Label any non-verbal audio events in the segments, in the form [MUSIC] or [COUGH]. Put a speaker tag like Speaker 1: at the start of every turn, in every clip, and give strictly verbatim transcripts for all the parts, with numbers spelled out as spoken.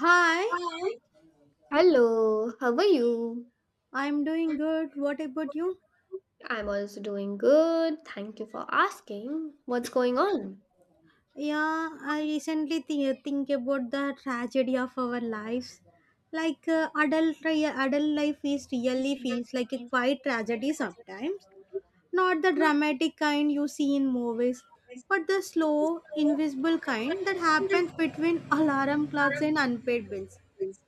Speaker 1: Hi,
Speaker 2: Hi. Hello, how are you?
Speaker 1: I'm doing
Speaker 2: I'm
Speaker 1: good. What about you?
Speaker 2: good. I'm also doing good. Thank you for asking. What's going on?
Speaker 1: Yeah, I recently thi- think about the tragedy of our lives. Like uh, adult ri- adult life is
Speaker 2: These
Speaker 1: really
Speaker 2: really
Speaker 1: feels like a
Speaker 2: things
Speaker 1: quiet
Speaker 2: are quite
Speaker 1: tragedy
Speaker 2: tragedy
Speaker 1: sometimes.
Speaker 2: sometimes.
Speaker 1: Not the
Speaker 2: Not to
Speaker 1: dramatic kind you see in movies,
Speaker 2: always
Speaker 1: but the
Speaker 2: but to
Speaker 1: slow,
Speaker 2: slow
Speaker 1: invisible kind that
Speaker 2: investment
Speaker 1: happens between [LAUGHS] alarm
Speaker 2: that
Speaker 1: clocks and
Speaker 2: are
Speaker 1: unpaid bills.
Speaker 2: consequences.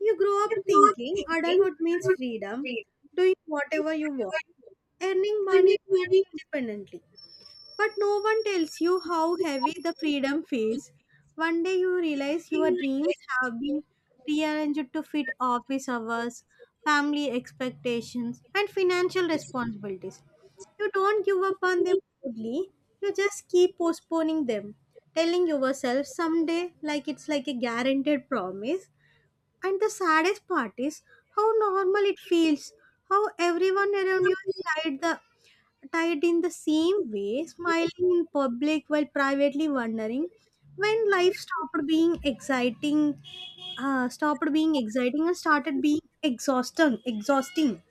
Speaker 1: You grow
Speaker 2: You're
Speaker 1: up
Speaker 2: not
Speaker 1: thinking
Speaker 2: thinking,
Speaker 1: adulthood
Speaker 2: but
Speaker 1: means
Speaker 2: I'm at least
Speaker 1: freedom,
Speaker 2: freedom.
Speaker 1: doing whatever you want,
Speaker 2: Whatever you want.
Speaker 1: earning
Speaker 2: Can you
Speaker 1: money
Speaker 2: manage?
Speaker 1: independently.
Speaker 2: No
Speaker 1: But no one tells you
Speaker 2: you
Speaker 1: how
Speaker 2: how
Speaker 1: heavy
Speaker 2: to make
Speaker 1: the freedom
Speaker 2: the freedom.
Speaker 1: feels. One day you realize your dreams have been rearranged to fit office hours, family expectations, and financial responsibilities. You don't give up on them boldly, you just keep postponing them, telling yourself someday like it's like a guaranteed promise, and the saddest part is how normal it feels, how everyone around you is tied, the, tied in the same way, smiling in public while privately wondering when life stopped being exciting, uh, stopped being exciting and started being exhausting, exhausting.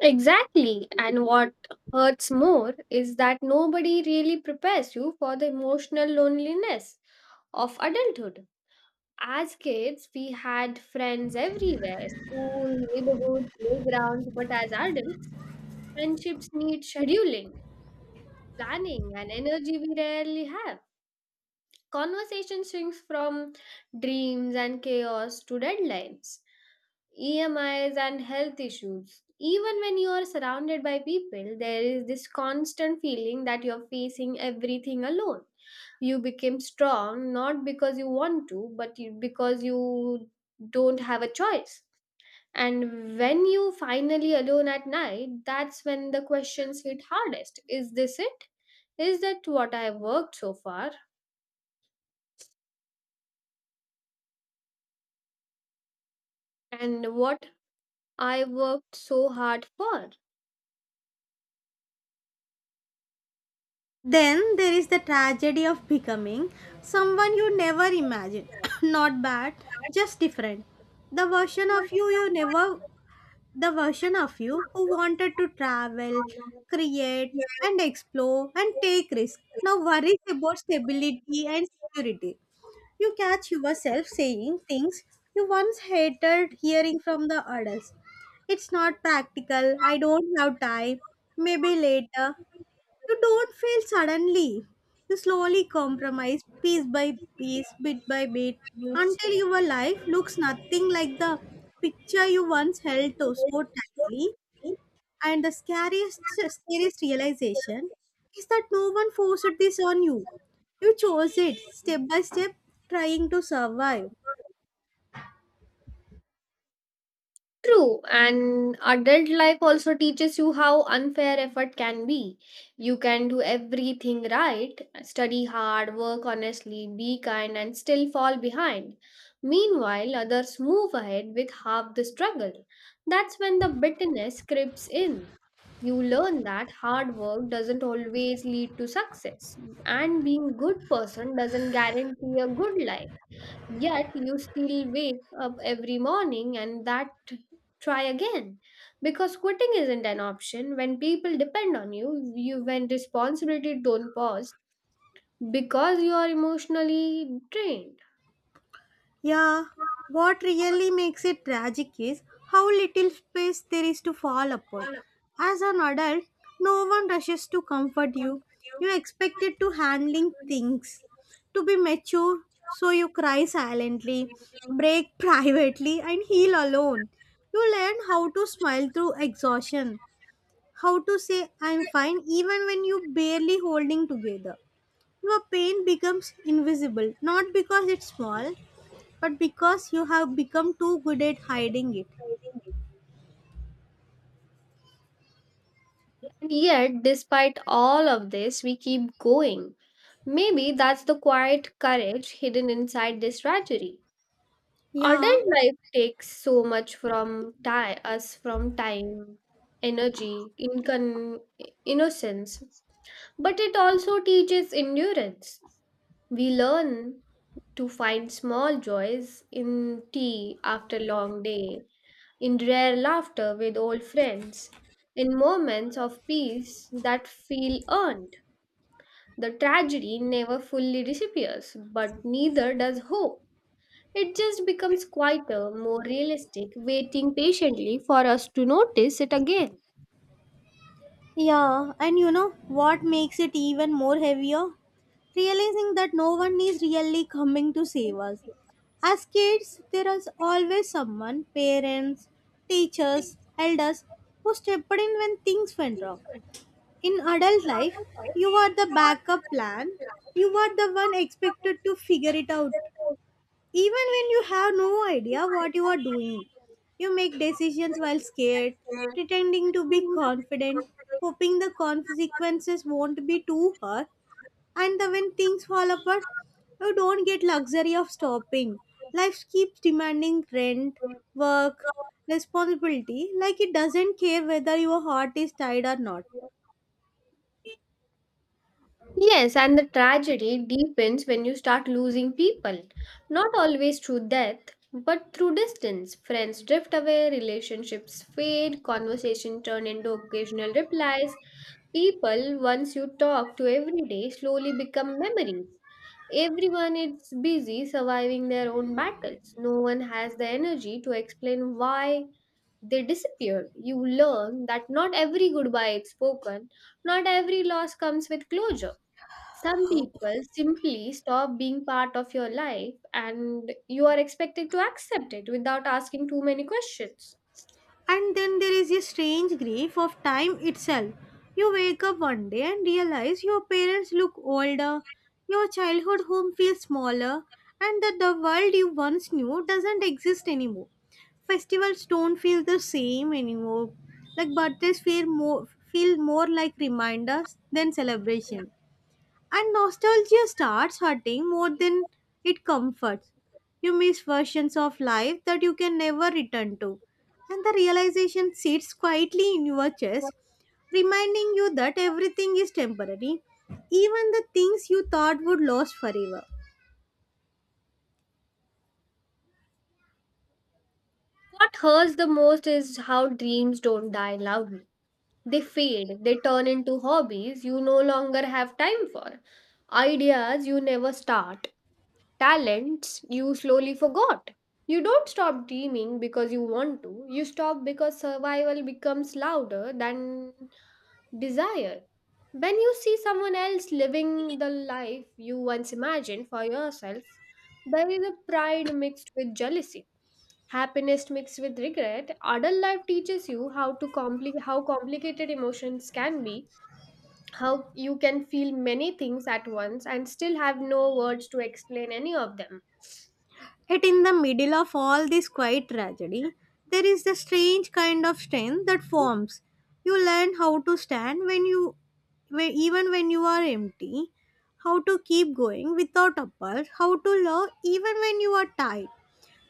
Speaker 2: Exactly. And what hurts more is that nobody really prepares you for the emotional loneliness of adulthood. As kids, we had friends everywhere school, neighborhood, playgrounds, but as adults, friendships need scheduling, planning, and energy we rarely have. Conversation swings from dreams and chaos to deadlines. E M Is and health issues. Even when you are surrounded by people, there is this constant feeling that you're facing everything alone. You became strong not because you want to, but you, because you don't have a choice. And when you finally alone at night, that's when the questions hit hardest. Is this it? Is that what I worked so far? And what I worked so hard for?
Speaker 1: Then there is the tragedy of becoming someone you never imagined. [COUGHS] Not bad, just different. The version of you you never The version of you who wanted to travel, create, and explore and take risks. Now worries about stability and security. You catch yourself saying things you once hated hearing from the adults. It's not practical. I don't have time. Maybe later. You don't fail suddenly. You slowly compromise piece by piece, bit by bit,
Speaker 2: Gracias.
Speaker 1: until your life looks nothing like the picture you once held to so tightly. And the scariest, scariest realization is that no one forced this on you. You chose it step by step, trying to survive.
Speaker 2: True, and adult life also teaches you how unfair effort can be. You can do everything right, study hard, work honestly, be kind, and still fall behind. Meanwhile, others move ahead with half the struggle. That's when the bitterness creeps in. You learn that hard work doesn't always lead to success, and being a good person doesn't guarantee a good life. Yet you still wake up every morning and that try again. Because quitting isn't an option when people depend on you, you when responsibility don't pause because you are emotionally drained.
Speaker 1: Yeah, what really makes it tragic is how little space there is to fall apart. As an adult, no one rushes to comfort you. You're expected to handling things, to be mature, so you cry silently, break [LAUGHS] privately, and heal alone. You learn how to smile through exhaustion, how to say I'm fine even when you barely holding together. Your pain becomes invisible, not because it's small, but because you have become too good at hiding it.
Speaker 2: And yet, despite all of this, we keep going. Maybe that's the quiet courage hidden inside this tragedy.
Speaker 1: Yeah,
Speaker 2: Adult life takes so much from ti us from time, energy, incon- innocence, but it also teaches endurance. We learn to find small joys in tea after long day, in rare laughter with old friends, in moments of peace that feel earned. The tragedy never fully disappears, but neither does hope. It just becomes quieter, more realistic, waiting patiently for us to notice it again.
Speaker 1: yeah, and you know what makes it even more heavier? Realizing that no one is really coming to save us. As kids, there is always someone parents, teachers, elders who stepped in when things went wrong. In adult life, you are the backup plan, you are the one expected to figure it out. Even when you have no idea what you are doing, you make decisions while scared, pretending to be confident, hoping the consequences won't be too hard, and the, when things fall apart, you don't get luxury of stopping. Life keeps demanding rent, work, responsibility, like it doesn't care whether your heart is tied or not.
Speaker 2: Yes, and the tragedy deepens when you start losing people, not always through death, but through distance. Friends drift away, relationships fade, conversation turn into occasional replies. People, once you talk to every day, slowly become memories. Everyone is busy surviving their own battles. No one has the energy to explain why they disappeared. You learn that not every goodbye is spoken, not every loss comes with closure. Some people simply stop being part of your life and you are expected to accept it without asking too many questions.
Speaker 1: And then there is a strange grief of time itself. You wake up one day and realize your parents look older, your childhood home feels smaller, and that the world you once knew doesn't exist anymore. Festivals don't feel the same anymore. Like birthdays feel more feel more like reminders than celebration. And nostalgia starts hurting more than it comforts. You miss versions of life that you can never return to. And the realization sits quietly in your chest, reminding you that everything is temporary, even the things you thought would last forever.
Speaker 2: What hurts the most is how dreams don't die loudly. They fade, they turn into hobbies you no longer have time for, ideas you never start, talents you slowly forgot. You don't stop dreaming because you want to, you stop because survival becomes louder than desire. When you see someone else living the life you once imagined for yourself, there is a pride mixed with jealousy, happiness mixed with regret. Adult life teaches you how to compli- how complicated emotions can be, how you can feel many things at once and still have no words to explain any of them.
Speaker 1: Yet, in the middle of all this quiet tragedy, there is the strange kind of strength that forms. You learn how to stand when you, when, even when you are empty, how to keep going without a uppers, how to love even when you are tired.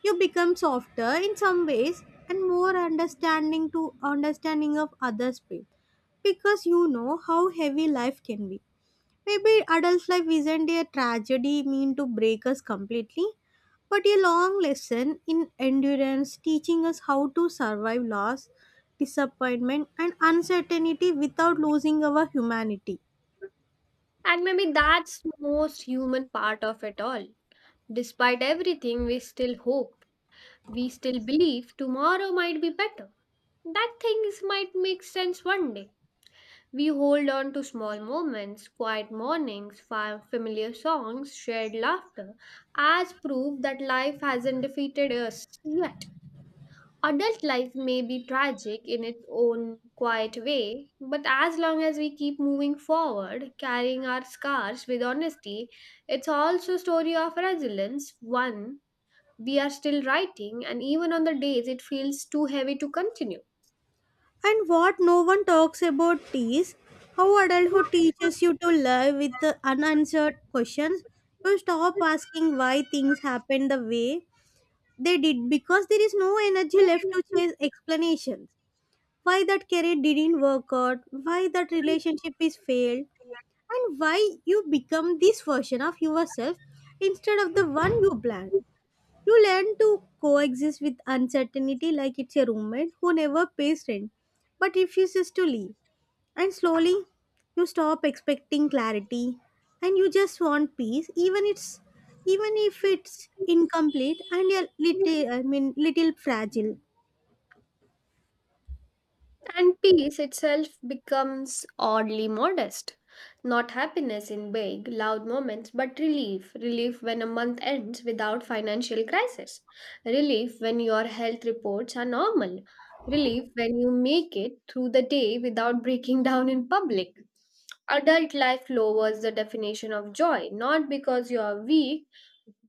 Speaker 1: You become softer in some ways and more understanding to understanding of others' pain because you know how heavy life can be. Maybe adult life isn't a tragedy mean to break us completely, but a long lesson in endurance teaching us how to survive loss, disappointment, and uncertainty without losing our humanity.
Speaker 2: And maybe that's the most human part of it all. Despite everything, we still hope, we still believe tomorrow might be better. That things might make sense one day. We hold on to small moments, quiet mornings, fa- familiar songs, shared laughter, as proof that life hasn't defeated us yet. Adult life may be tragic in its own quiet way, but as long as we keep moving forward, carrying our scars with honesty, it's also a story of resilience, one we are still writing, and even on the days it feels too heavy to continue.
Speaker 1: And what no one talks about is how adulthood teaches you to live with the unanswered questions. You stop asking why things happen the way they did because there is no energy left to chase explanations. Why that career didn't work out, why that relationship is failed, and why you become this version of yourself instead of the one you planned. You learn to coexist with uncertainty like it's a roommate who never pays rent but refuses to leave. And slowly, you stop expecting clarity and you just want peace, even it's even if it's incomplete and a little I mean little fragile.
Speaker 2: And peace itself becomes oddly modest. Not happiness in big, loud moments, but relief. Relief when a month ends without financial crisis. Relief when your health reports are normal. Relief when you make it through the day without breaking [LAUGHS] down in public. Adult life lowers the definition of joy, not because you are weak,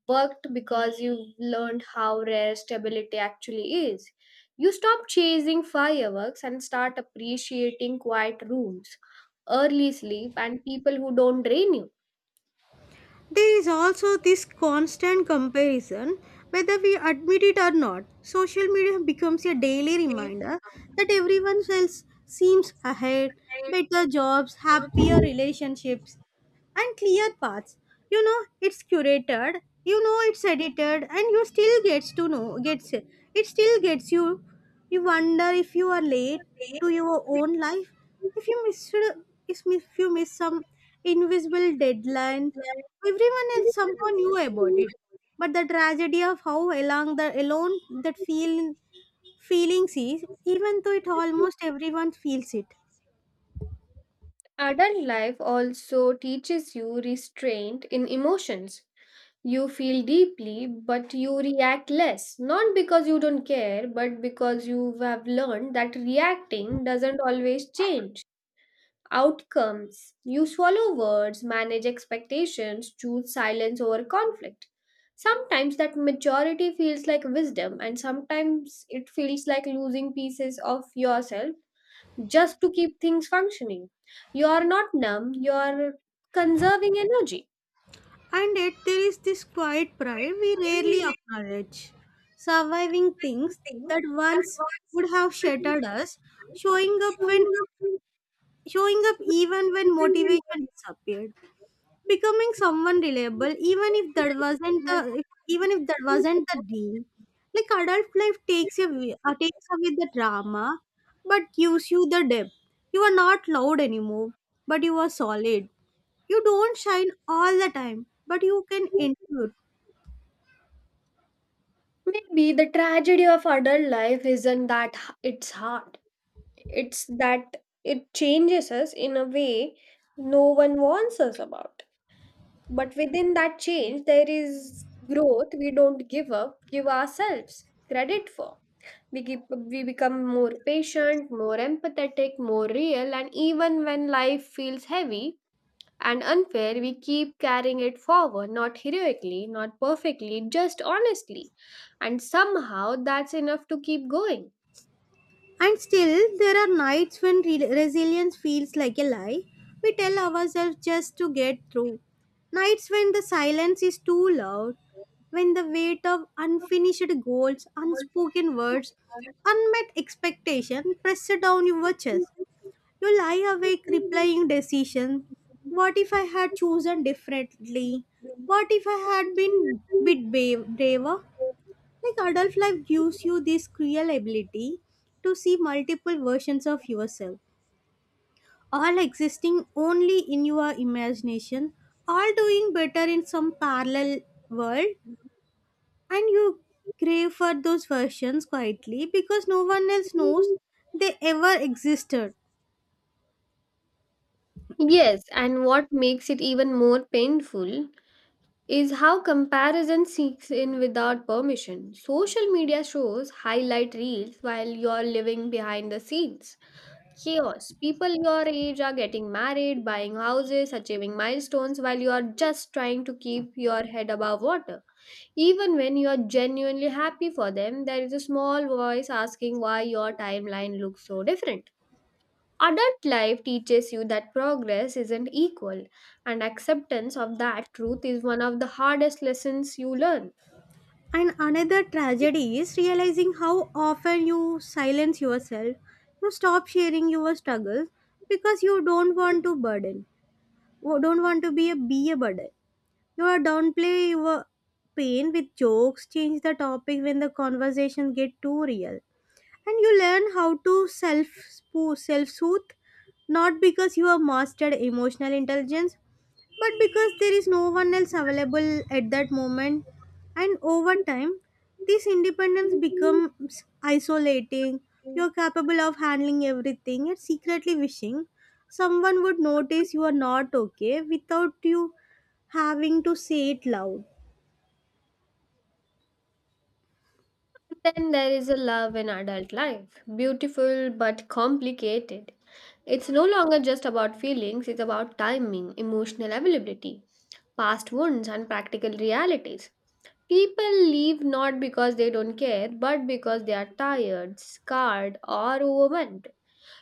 Speaker 2: but because you've learned how rare stability actually is. You stop chasing fireworks and start appreciating quiet rooms, early sleep, and people who don't drain you.
Speaker 1: There is also this constant comparison, whether we admit it or not. Social media becomes a daily reminder that everyone else seems ahead, better jobs, happier relationships, and clear paths. You know it's curated, you know it's edited, and you still gets to know gets it still gets you. You wonder if you are late to your own life, if you miss if miss- if you miss some invisible deadline. Everyone else somehow knew about it, but the tragedy of how along the alone that feel feelings is, even though it almost everyone feels it.
Speaker 2: Adult life also teaches you restraint in emotions. You feel deeply, but you react less. Not because you don't care, but because you have learned that reacting doesn't always change outcomes. You swallow words, manage expectations, choose silence over conflict. Sometimes that maturity feels like wisdom, and sometimes it feels like losing pieces of yourself just to keep things functioning. You are not numb, you are conserving energy.
Speaker 1: And yet, there is this quiet pride we rarely acknowledge. Surviving things that once would have shattered us, showing up when showing up even when motivation disappeared becoming someone reliable even if that wasn't the if, even if that wasn't the dream. Like adult life takes away uh, takes away the drama but gives you the depth. You are not loud anymore but you are solid. You don't shine all the time but you can endure.
Speaker 2: Maybe the tragedy of adult life isn't that h- it's hard. It's that it changes us in a way no one warns us about. But within that change, there is growth we don't give up, give ourselves credit for. We, keep, we become more patient, more empathetic, more real, and even when life feels heavy, and unfair, we keep carrying it forward, not heroically, not perfectly, just honestly. And somehow that's enough to keep going.
Speaker 1: And still, there are nights when re- resilience feels like a lie. We tell ourselves just to get through. Nights when the silence is too loud, when the weight of unfinished goals, unspoken words, unmet expectation press down your chest. You lie awake replying decision. What if I had chosen differently? What if I had been bit ba- braver? Like adult life gives you this cruel ability to see multiple versions of yourself, all existing only in your imagination, all doing better in some parallel world, and you crave for those versions quietly because no one else knows they ever existed.
Speaker 2: Yes, and what makes it even more painful is how comparison seeks in without permission. Social media shows highlight reels while you're living behind the scenes. Chaos. People your age are getting married, buying houses, achieving milestones while you are just trying to keep your head above water. Even when you are genuinely happy for them, there is a small voice asking why your timeline looks so different. Adult life teaches you that progress isn't equal, and acceptance of that truth is one of the hardest lessons you learn.
Speaker 1: And another tragedy is realizing how often you silence yourself. You stop sharing your struggles because you don't want to burden, or don't want to be a be a burden. You are downplay your pain with jokes, change the topic when the conversation get too real. And you learn how to self self soothe not because you are mastered emotional intelligence but because there is no one else available at that moment and over time this independence becomes isolating. You're capable of handling everything and secretly wishing someone would notice you are not okay without you having to say it loud.
Speaker 2: Then there is a love in adult life, beautiful but complicated. It's no longer just about feelings, it's about timing, emotional availability, past wounds, and practical realities. People leave not because they don't care, but because they are tired, scarred, or overwhelmed.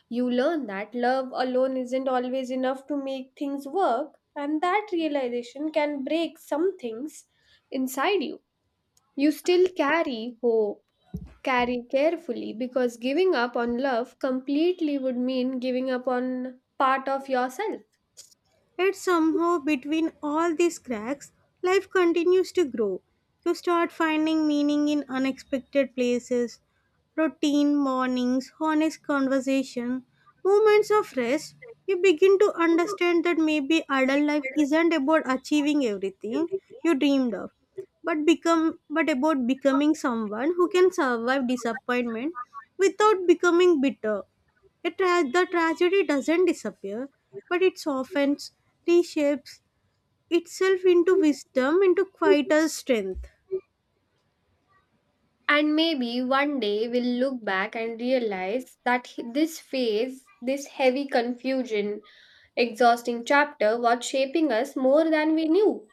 Speaker 2: You learn that love alone isn't always enough to make things work, and that realization can break some things inside you. You still carry hope, carry carefully, because giving up on love completely would mean giving up on part of yourself.
Speaker 1: Yet somehow, between all these cracks, life continues to grow. You start finding meaning in unexpected places, routine mornings, honest conversation, moments of rest. You begin to understand that maybe adult life isn't about achieving everything you dreamed of, but become but about becoming someone who can survive disappointment without becoming bitter. It tra- the tragedy doesn't disappear, but it softens, reshapes itself into wisdom, into quieter strength.
Speaker 2: And maybe one day we'll look back and realize that he- this phase, this heavy confusion, exhausting chapter was shaping us more than we knew.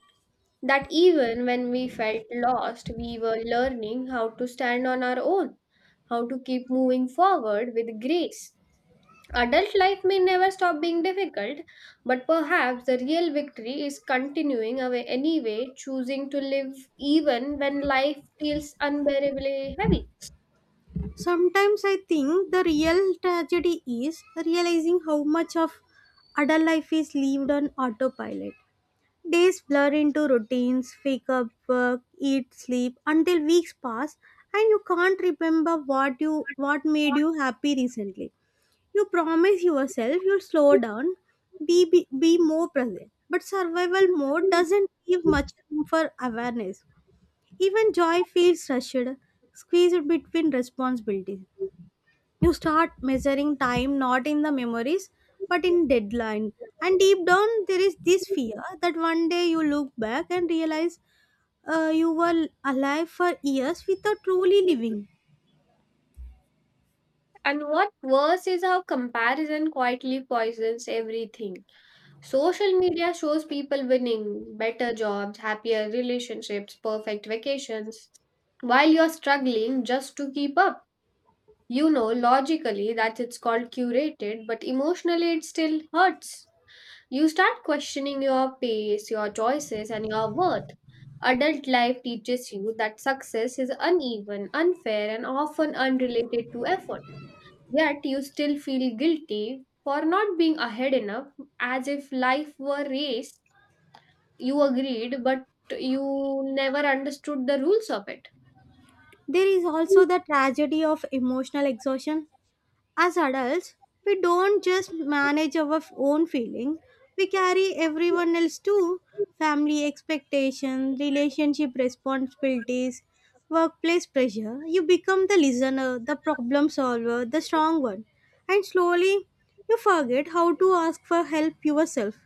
Speaker 2: That even when we felt lost, we were learning how to stand on our own, how to keep moving forward with grace. Adult life may never stop being difficult, but perhaps the real victory is continuing away anyway, choosing to live even when life feels unbearably heavy.
Speaker 1: Sometimes I think the real tragedy is realizing how much of adult life is lived on autopilot. Days blur into routines, wake up, work, eat, sleep until weeks pass and you can't remember what you what made you happy recently. You promise yourself you'll slow down, be, be, be more present. But survival mode doesn't leave much room for awareness. Even joy feels rushed, squeezed between responsibilities. You start measuring time not in the memories but in deadline. And deep down, there is this fear that one day you look back and realize uh, you were alive for years without truly living.
Speaker 2: And what worse is how comparison quietly poisons everything. Social media shows people winning, better jobs, happier relationships, perfect vacations, while you're struggling just to keep up. You know, logically, that it's called curated, but emotionally, it still hurts. You start questioning your pace, your choices, and your worth. Adult life teaches you that success is uneven, unfair, and often unrelated to effort. Yet you still feel guilty for not being ahead enough, as if life were race you agreed, but you never understood the rules of it.
Speaker 1: There is also the tragedy of emotional exhaustion. As adults, we don't just manage our f- own feelings, we carry everyone else too. Family expectations, relationship responsibilities, workplace pressure. You become the listener, the problem solver, the strong one. And slowly, you forget how to ask for help yourself.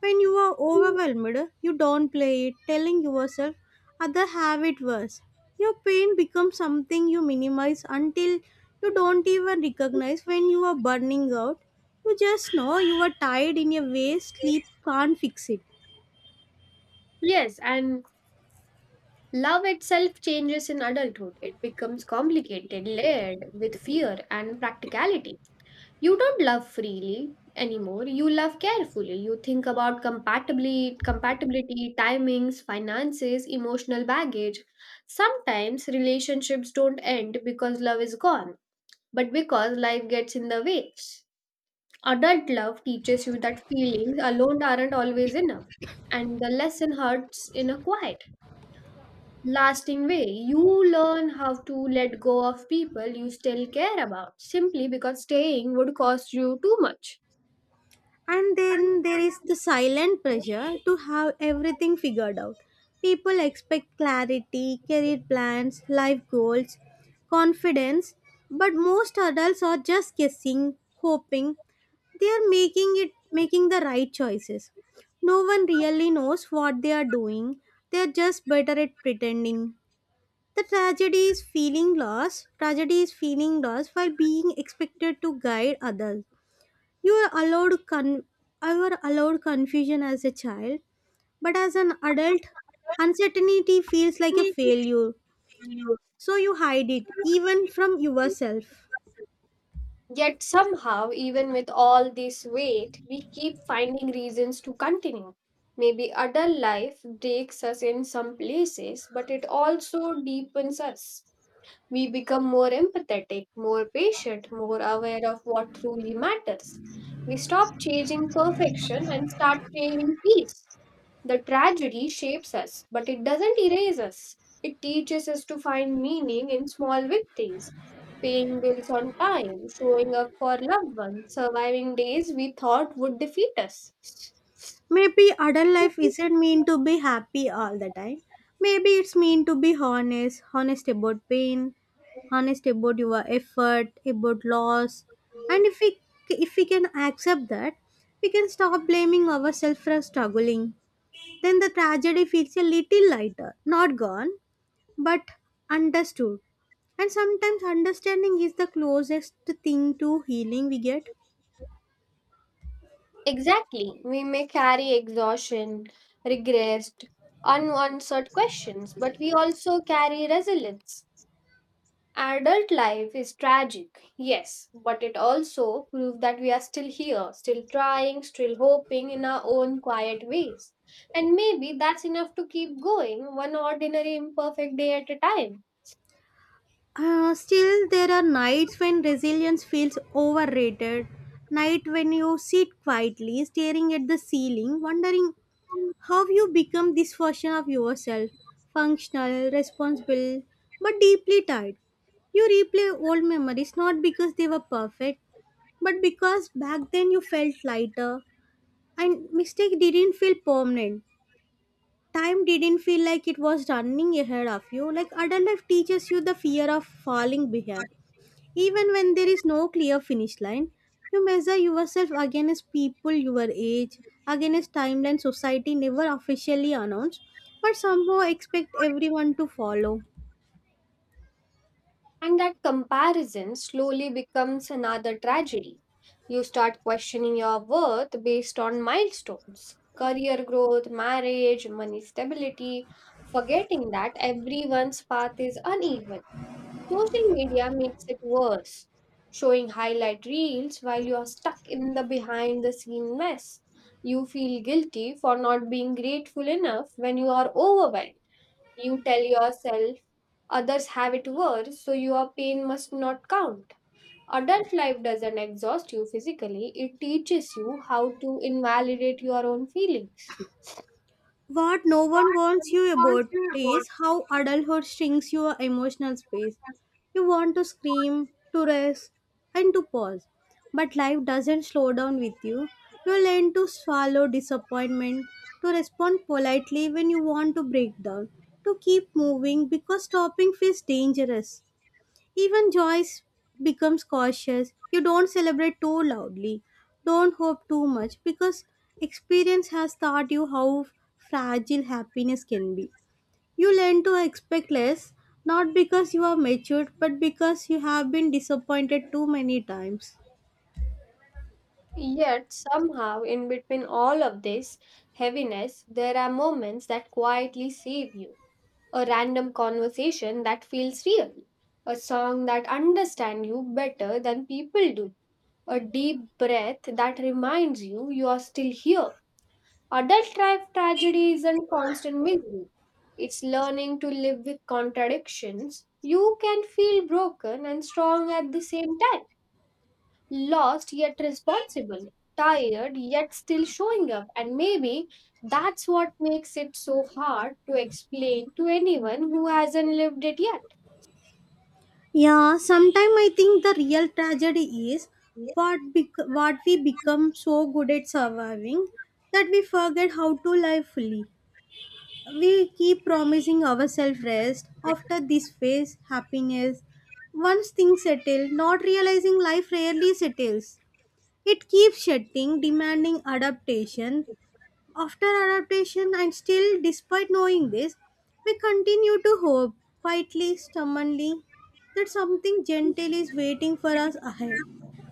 Speaker 1: When you are overwhelmed, you don't play it, telling yourself others have it worse. Your pain becomes something you minimize until you don't even recognize when you are burning out. You just know you are tired in a way sleep can't fix it.
Speaker 2: Yes, and love itself changes in adulthood. It becomes complicated, layered with fear and practicality. You don't love freely anymore. You love carefully. You think about compatibility, compatibility, timings, finances, emotional baggage. Sometimes relationships don't end because love is gone, but because life gets in the way. Adult love teaches you that feelings alone aren't always enough, and the lesson hurts in a quiet, lasting way. You learn how to let go of people you still care about simply because staying would cost you too much.
Speaker 1: And then there is the silent pressure to have everything figured out. People expect clarity, career plans, life goals, confidence, but most adults are just guessing, hoping they are making it making the right choices. No one really knows what they are doing. They are just better at pretending. The tragedy is feeling lost. Tragedy is feeling lost while being expected to guide others. You are allowed con- you are allowed confusion as a child, but as an adult, uncertainty feels like a failure. So you hide it, even from yourself.
Speaker 2: Yet somehow, even with all this weight, we keep finding reasons to continue. Maybe adult life breaks us in some places, but it also deepens us. We become more empathetic, more patient, more aware of what truly matters. We stop chasing perfection and start craving peace. The tragedy shapes us, but it doesn't erase us. It teaches us to find meaning in small victories, paying bills on time, showing up for loved ones, surviving days we thought would defeat us.
Speaker 1: Maybe adult life isn't meant to be happy all the time. Maybe it's meant to be honest, honest about pain, honest about your effort, about loss. And if we if we can accept that, we can stop blaming ourselves for struggling. Then the tragedy feels a little lighter, not gone, but understood. And sometimes understanding is the closest thing to healing we get.
Speaker 2: Exactly, we may carry exhaustion, regrets, unanswered questions, but we also carry resilience. Adult life is tragic, yes, but it also proves that we are still here, still trying, still hoping in our own quiet ways. And maybe that's enough to keep going, one ordinary imperfect day at a time.
Speaker 1: Uh, still, there are nights when resilience feels overrated. Night when you sit quietly, staring at the ceiling, wondering how you become this version of yourself, functional, responsible, but deeply tired. You replay old memories not because they were perfect, but because back then you felt lighter and mistake didn't feel permanent. Time didn't feel like it was running ahead of you. Like adult life teaches you the fear of falling behind. Even when there is no clear finish line, you measure yourself against people your age, against timeline society never officially announced, but somehow expect everyone to follow.
Speaker 2: And that comparison slowly becomes another tragedy. You start questioning your worth based on milestones, career growth, marriage, money stability, forgetting that everyone's path is uneven. Social media makes it worse, showing highlight reels while you are stuck in the behind the scene mess. You feel guilty for not being grateful enough when you are overwhelmed. You tell yourself others have it worse, so your pain must not count. Adult life doesn't exhaust you physically, it teaches you how to invalidate your own feelings.
Speaker 1: What no one warns you about is how adulthood shrinks your emotional space. You want to scream, to rest, and to pause. But life doesn't slow down with you. You learn to swallow disappointment, to respond politely when you want to break down, to keep moving because stopping feels dangerous. Even Joyce becomes cautious. You don't celebrate too loudly. Don't hope too much because experience has taught you how fragile happiness can be. You learn to expect less, not because you are matured, but because you have been disappointed too many times.
Speaker 2: Yet, somehow, in between all of this heaviness, there are moments that quietly save you a random conversation that feels real, a song that understands you better than people do, a deep breath that reminds you you are still here. Adult life tragedy isn't constant misery. It's learning to live with contradictions. You can feel broken and strong at the same time. Lost yet responsible, tired yet still showing up, and maybe that's what makes it so hard to explain to anyone who hasn't lived it yet.
Speaker 1: Yeah, sometimes I think the real tragedy is what bec- what we become so good at surviving that we forget how to live fully. We keep promising ourselves rest after this phase, happiness. Once things settle, not realizing life rarely settles. It keeps shifting, demanding adaptation. After adaptation, and still, despite knowing this, we continue to hope, quietly, stubbornly, that something gentle is waiting for us ahead.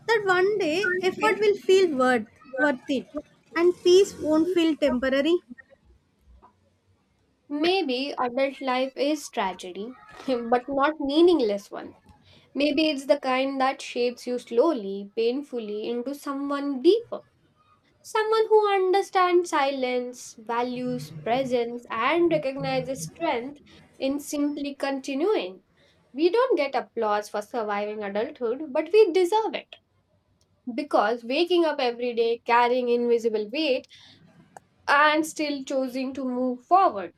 Speaker 1: That one day, effort will feel worth, worth it, and peace won't feel temporary.
Speaker 2: Maybe adult life is tragedy, [LAUGHS] but not meaningless one. Maybe it's the kind that shapes you slowly, painfully into someone deeper. Someone who understands silence, values presence, and recognizes strength in simply continuing. We don't get applause for surviving adulthood, but we deserve it. Because waking up every day carrying invisible weight and still choosing to move forward,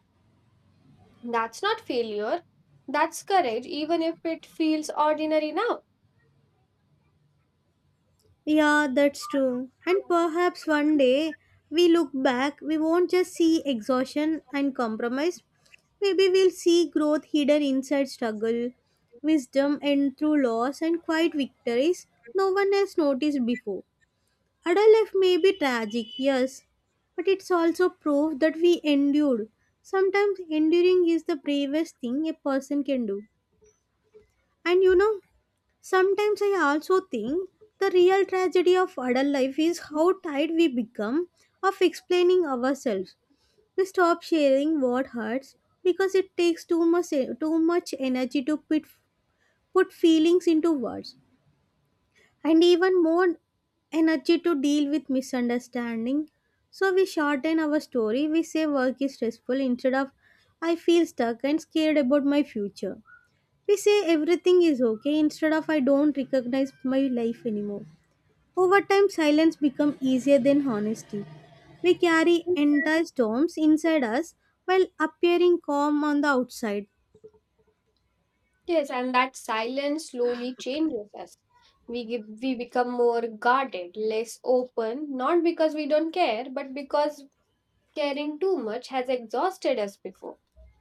Speaker 2: that's not failure, that's courage, even if it feels ordinary now.
Speaker 1: Yeah, that's true. And perhaps one day we look back, we won't just see exhaustion and compromise. Maybe we'll see growth hidden inside struggle, wisdom and through loss and quiet victories no one has noticed before. Adult life may be tragic, yes, but it's also proof that we endured. Sometimes enduring is the bravest thing a person can do. And you know, sometimes I also think the real tragedy of adult life is how tired we become of explaining ourselves. We stop sharing what hurts because it takes too much too much energy to put, put feelings into words and even more energy to deal with misunderstanding. So we shorten our story. We say work is stressful instead of I feel stuck and scared about my future. We say everything is okay instead of I don't recognize my life anymore. Over time, silence become easier than honesty. We carry entire storms inside us while appearing calm on the outside.
Speaker 2: Yes, and that silence slowly changes us. We, give, we become more guarded, less open, not because we don't care, but because caring too much has exhausted us before.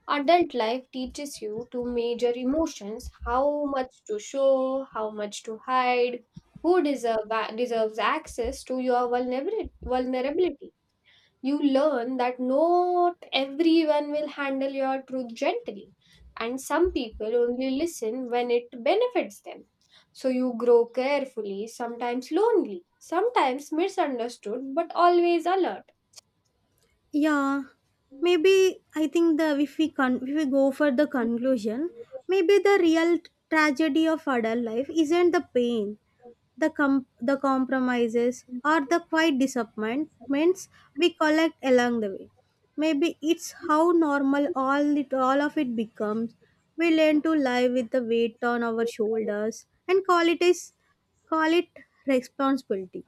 Speaker 2: Adult life teaches you to major emotions, how much to show, how much to hide, who deserve, deserves access to your vulnerabili- vulnerability. You learn that not everyone will handle your truth gently, and some people only listen when it benefits them. So you grow carefully, sometimes lonely, sometimes misunderstood, but always alert.
Speaker 1: Yeah, maybe I think, the if we con- if we go for the conclusion, maybe the real tragedy of adult life isn't the pain, the com- the compromises or the quiet disappointments we collect along the way. Maybe it's how normal all it all of it becomes. We learn to live with the weight on our shoulders and call it is call it responsibility,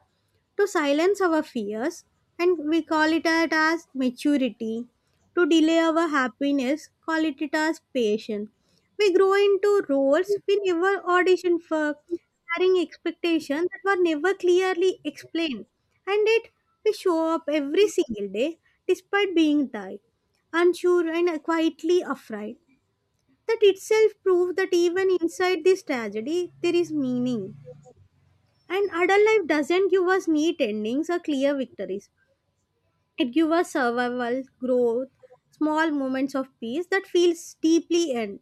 Speaker 1: to silence our fears and we call it out as maturity, to delay our happiness, call it it as patience. We grow into roles we never auditioned for, carrying expectations that were never clearly explained, and yet we show up every single day despite being tired, unsure and quietly afraid. That itself proves that even inside this tragedy there is meaning. And adult life doesn't give us neat endings or clear victories. It gives us survival, growth, small moments of peace that feels deeply earned.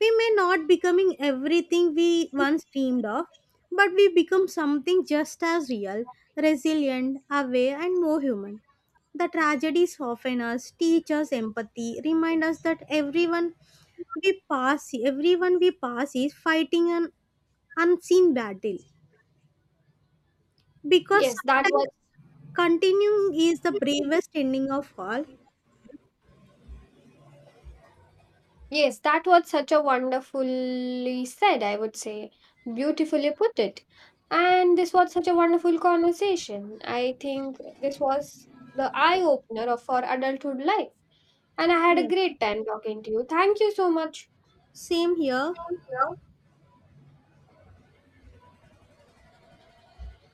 Speaker 1: We may not becoming everything we once dreamed of, but we become something just as real, resilient, aware, and more human. The tragedies soften us, teach us empathy, remind us that everyone we pass, everyone we pass is fighting an unseen battle. Because
Speaker 2: Yes, that was
Speaker 1: sometimes continuing is the bravest ending of all.
Speaker 2: Yes, that was such a wonderfully said, I would say. Beautifully put it. And this was such a wonderful conversation. I think this was the eye opener of for adulthood life. And I had a
Speaker 1: Yeah,
Speaker 2: great time talking to you. Thank you so much.
Speaker 1: same here.